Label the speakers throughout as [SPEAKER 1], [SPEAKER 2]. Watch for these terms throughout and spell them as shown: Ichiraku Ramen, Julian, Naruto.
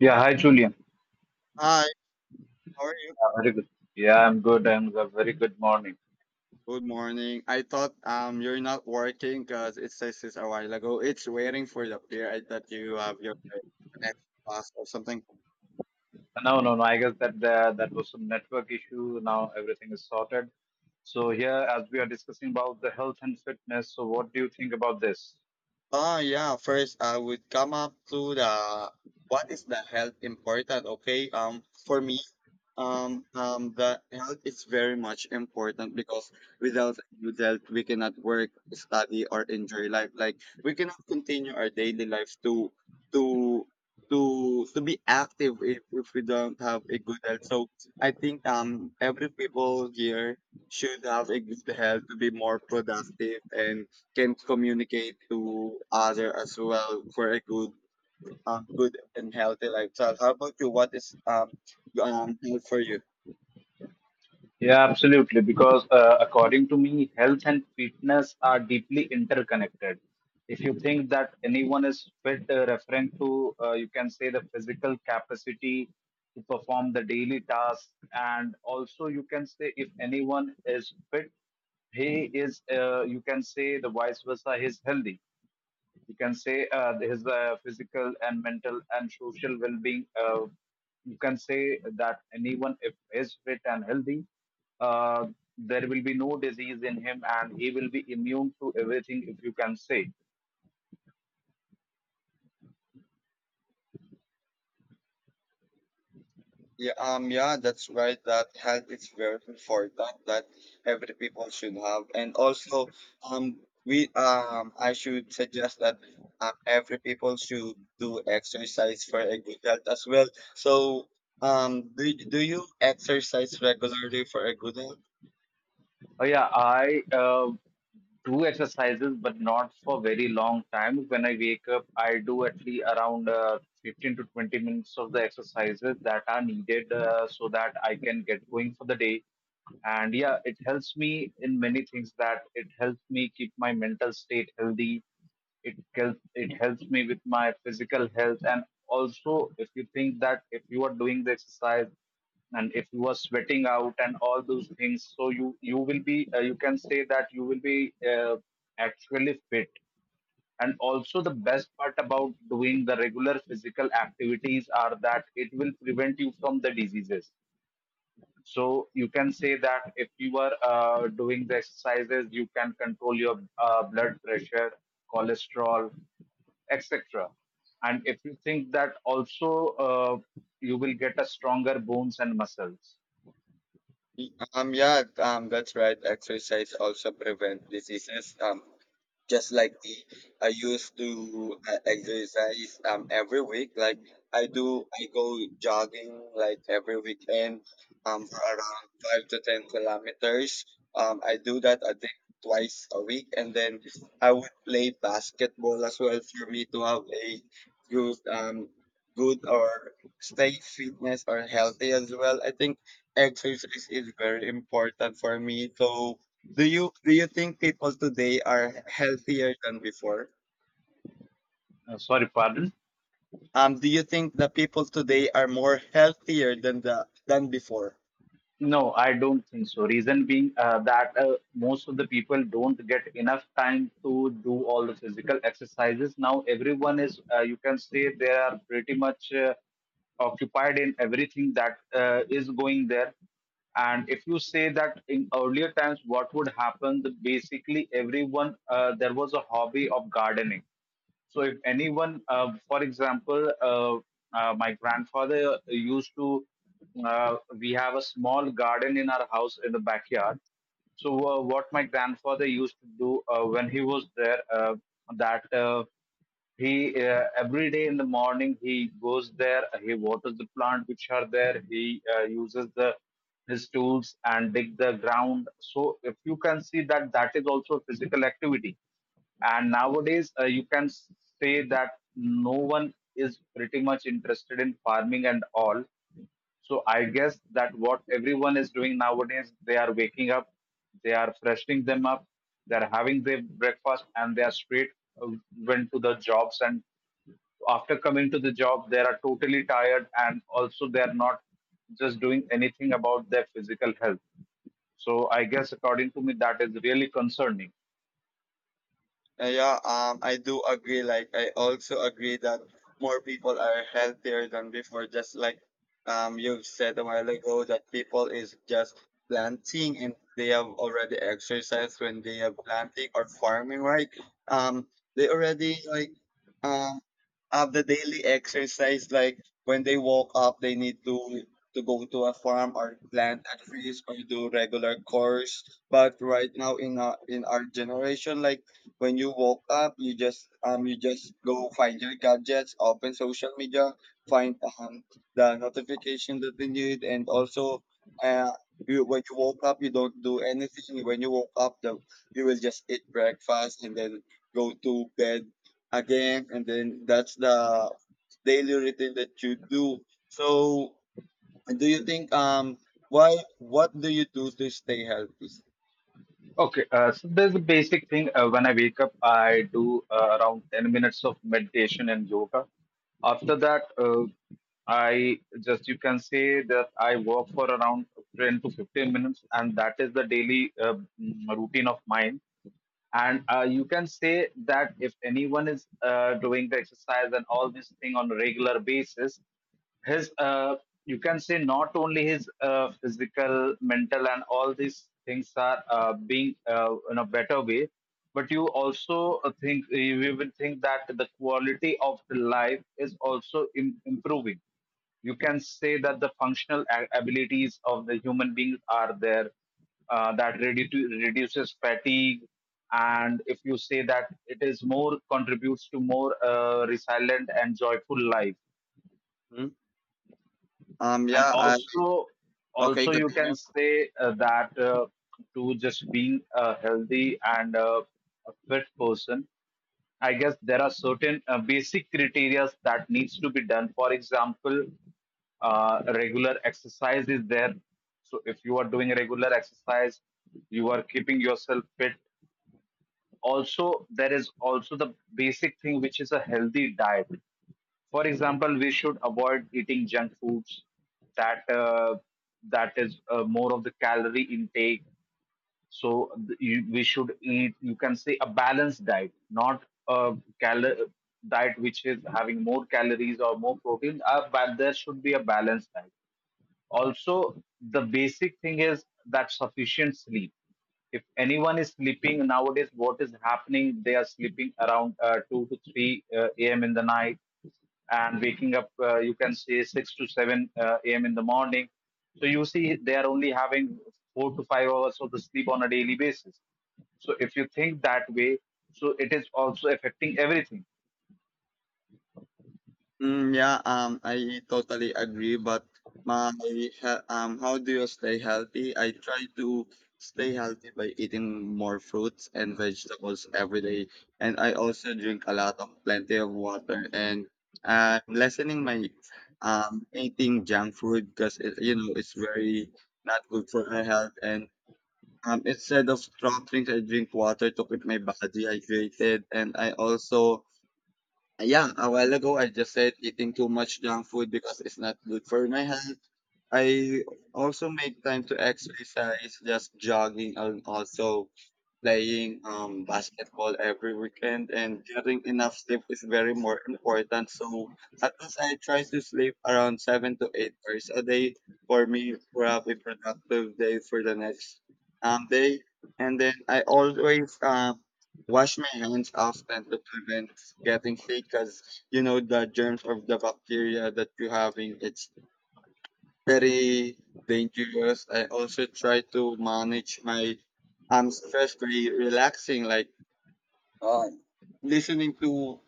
[SPEAKER 1] Yeah, hi Julian.
[SPEAKER 2] Hi, how are you?
[SPEAKER 1] Yeah, very good. Yeah, I'm good. I'm a very good morning.
[SPEAKER 2] Good morning. I thought you're not working because it says this a while ago. It's waiting for the player. I thought you have your connection lost or something.
[SPEAKER 1] No, no, no. I guess that that was some network issue. Now everything is sorted. So here, as we are discussing about the health and fitness, so what do you think about this?
[SPEAKER 2] Yeah, first I would come up to the what is the health important? Okay. For me, the health is very much important because without good health, we cannot work, study, or enjoy life. Like we cannot continue our daily life to to be active if we don't have a good health. So I think every people here should have a good health to be more productive and can communicate to other as well for a good good and healthy lifestyle. How about you? What is health for you?
[SPEAKER 1] Yeah, absolutely. Because according to me, health and fitness are deeply interconnected. If you think that anyone is fit, referring to, you can say, the physical capacity to perform the daily tasks. And also, you can say, if anyone is fit, he is, you can say, the vice versa, he's healthy, you can say, his physical and mental and social well-being, you can say that anyone if is fit and healthy, uh, there will be no disease in him and he will be immune to everything, if you can say.
[SPEAKER 2] Yeah, yeah, that's right. That health is very important that every people should have. And also um we I should suggest that every people should do exercise for a good health as well. So do you exercise regularly for a good health?
[SPEAKER 1] Oh yeah, I do exercises, but not for very long time. When I wake up, I do at least around 15 to 20 minutes of the exercises that are needed, so that I can get going for the day. And yeah, it helps me in many things, that it helps me keep my mental state healthy, it helps me with my physical health. And also, if you think that if you are doing the exercise and if you are sweating out and all those things, so you will be, you can say that you will be, uh, actually fit. And also, the best part about doing the regular physical activities are that it will prevent you from the diseases. So you can say that if you are doing the exercises, you can control your blood pressure, cholesterol, etc. And if you think that also, you will get a stronger bones and muscles.
[SPEAKER 2] Yeah, that's right. Exercise also prevent diseases. Just like I used to exercise every week. Like I go jogging like every weekend, for around 5 to 10 kilometers. I do that I think twice a week, and then I would play basketball as well for me to have a good good or stay fitness or healthy as well. I think exercise is very important for me. So do you think people today are healthier than before?
[SPEAKER 1] Sorry, pardon.
[SPEAKER 2] Do you think the people today are more healthier than the than before?
[SPEAKER 1] No, I don't think so. Reason being that most of the people don't get enough time to do all the physical exercises. Now, everyone is, you can say, they are pretty much occupied in everything that is going there. And if you say that in earlier times, what would happen? That basically, everyone, there was a hobby of gardening. So if anyone, my grandfather used to, we have a small garden in our house in the backyard. So what my grandfather used to do, when he was there, that. He, every day in the morning, he goes there, he waters the plant which are there, he uses the his tools and dig the ground. So if you can see, that that is also a physical activity. And nowadays, say that no one is pretty much interested in farming and all. So I guess that what everyone is doing nowadays, they are waking up, they are freshening them up, they are having their breakfast, and they are straight, uh, went to the jobs. And after coming to the job, they are totally tired, and also they are not just doing anything about their physical health. So I guess, according to me, that is really concerning.
[SPEAKER 2] Yeah, I do agree. Like I also agree that more people are healthier than before. Just like you said a while ago that people is just planting and they have already exercised when they are planting or farming, right? Um, they already like um have the daily exercise. Like when they woke up they need to go to a farm or plant a trees or do regular chores, but right now in our generation, like when you woke up you just go find your gadgets, open social media, find the notification that they need. And also uh when you woke up you don't do anything. When you woke up, the you will just eat breakfast and then go to bed again, and then that's the daily routine that you do. So do you think why what do you do to stay healthy?
[SPEAKER 1] Okay, so there's a basic thing. When I wake up, I do around 10 minutes of meditation and yoga. After that, I just, you can say that I walk for around 10 to 15 minutes, and that is the daily routine of mine. And you can say that if anyone is doing the exercise and all this thing on a regular basis, his, you can say, not only his physical, mental and all these things are being in a better way, but you also think you will think that the quality of the life is also improving. You can say that the functional abilities of the human beings are there, that reduces fatigue. And if you say that, it is more contributes to more resilient and joyful life.
[SPEAKER 2] Hmm?
[SPEAKER 1] And
[SPEAKER 2] Yeah I
[SPEAKER 1] also,
[SPEAKER 2] Okay,
[SPEAKER 1] also you can
[SPEAKER 2] continue.
[SPEAKER 1] say, that to just being a healthy and a fit person, I guess there are certain basic criteria that needs to be done. For example, regular exercise is there. So if you are doing regular exercise, you are keeping yourself fit. Also, there is also the basic thing, which is a healthy diet. For example, we should avoid eating junk foods that that is more of the calorie intake. So we should eat, you can say, a balanced diet, not a diet which is having more calories or more protein, but there should be a balanced diet. Also, the basic thing is that sufficient sleep. If anyone is sleeping nowadays, what is happening? They are sleeping around 2 to 3 a.m. in the night, and waking up you can say 6 to 7 a.m. in the morning. So you see, they are only having 4 to 5 hours of the sleep on a daily basis. So if you think that way, so it is also affecting everything.
[SPEAKER 2] Mm, yeah, I totally agree. But my he- how do you stay healthy? I try to stay healthy by eating more fruits and vegetables every day, and I also drink a lot of plenty of water and lessening my eating junk food because it, you know, it's very not good for my health. And instead of strong drinks, I drink water to keep my body hydrated. And I also, yeah, a while ago I just said eating too much junk food because it's not good for my health. I also make time to exercise, just jogging and also playing basketball every weekend. And getting enough sleep is very more important. So at least I try to sleep around 7 to 8 hours a day for me to have a productive day for the next day. And then I always wash my hands often to prevent getting sick, because you know the germs of the bacteria that you having, it's very dangerous. I also try to manage my stress by relaxing, like uh, listening to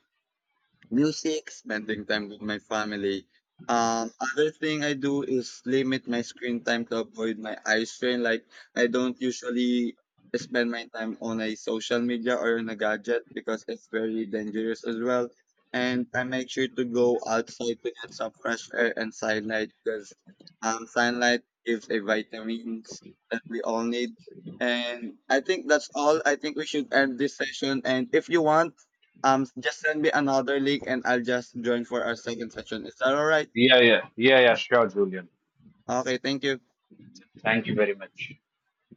[SPEAKER 2] music, spending time with my family. Other thing I do is limit my screen time to avoid my eye strain. Like I don't usually spend my time on a social media or on a gadget because it's very dangerous as well. And I make sure to go outside to get some fresh air and sunlight, because sunlight gives a vitamins that we all need. And I think that's all. I think we should end this session. And if you want, just send me another link and I'll just join for our second session. Is that all right?
[SPEAKER 1] Yeah, yeah, yeah, yeah. Sure, Julian.
[SPEAKER 2] Okay, thank you.
[SPEAKER 1] Thank you very much.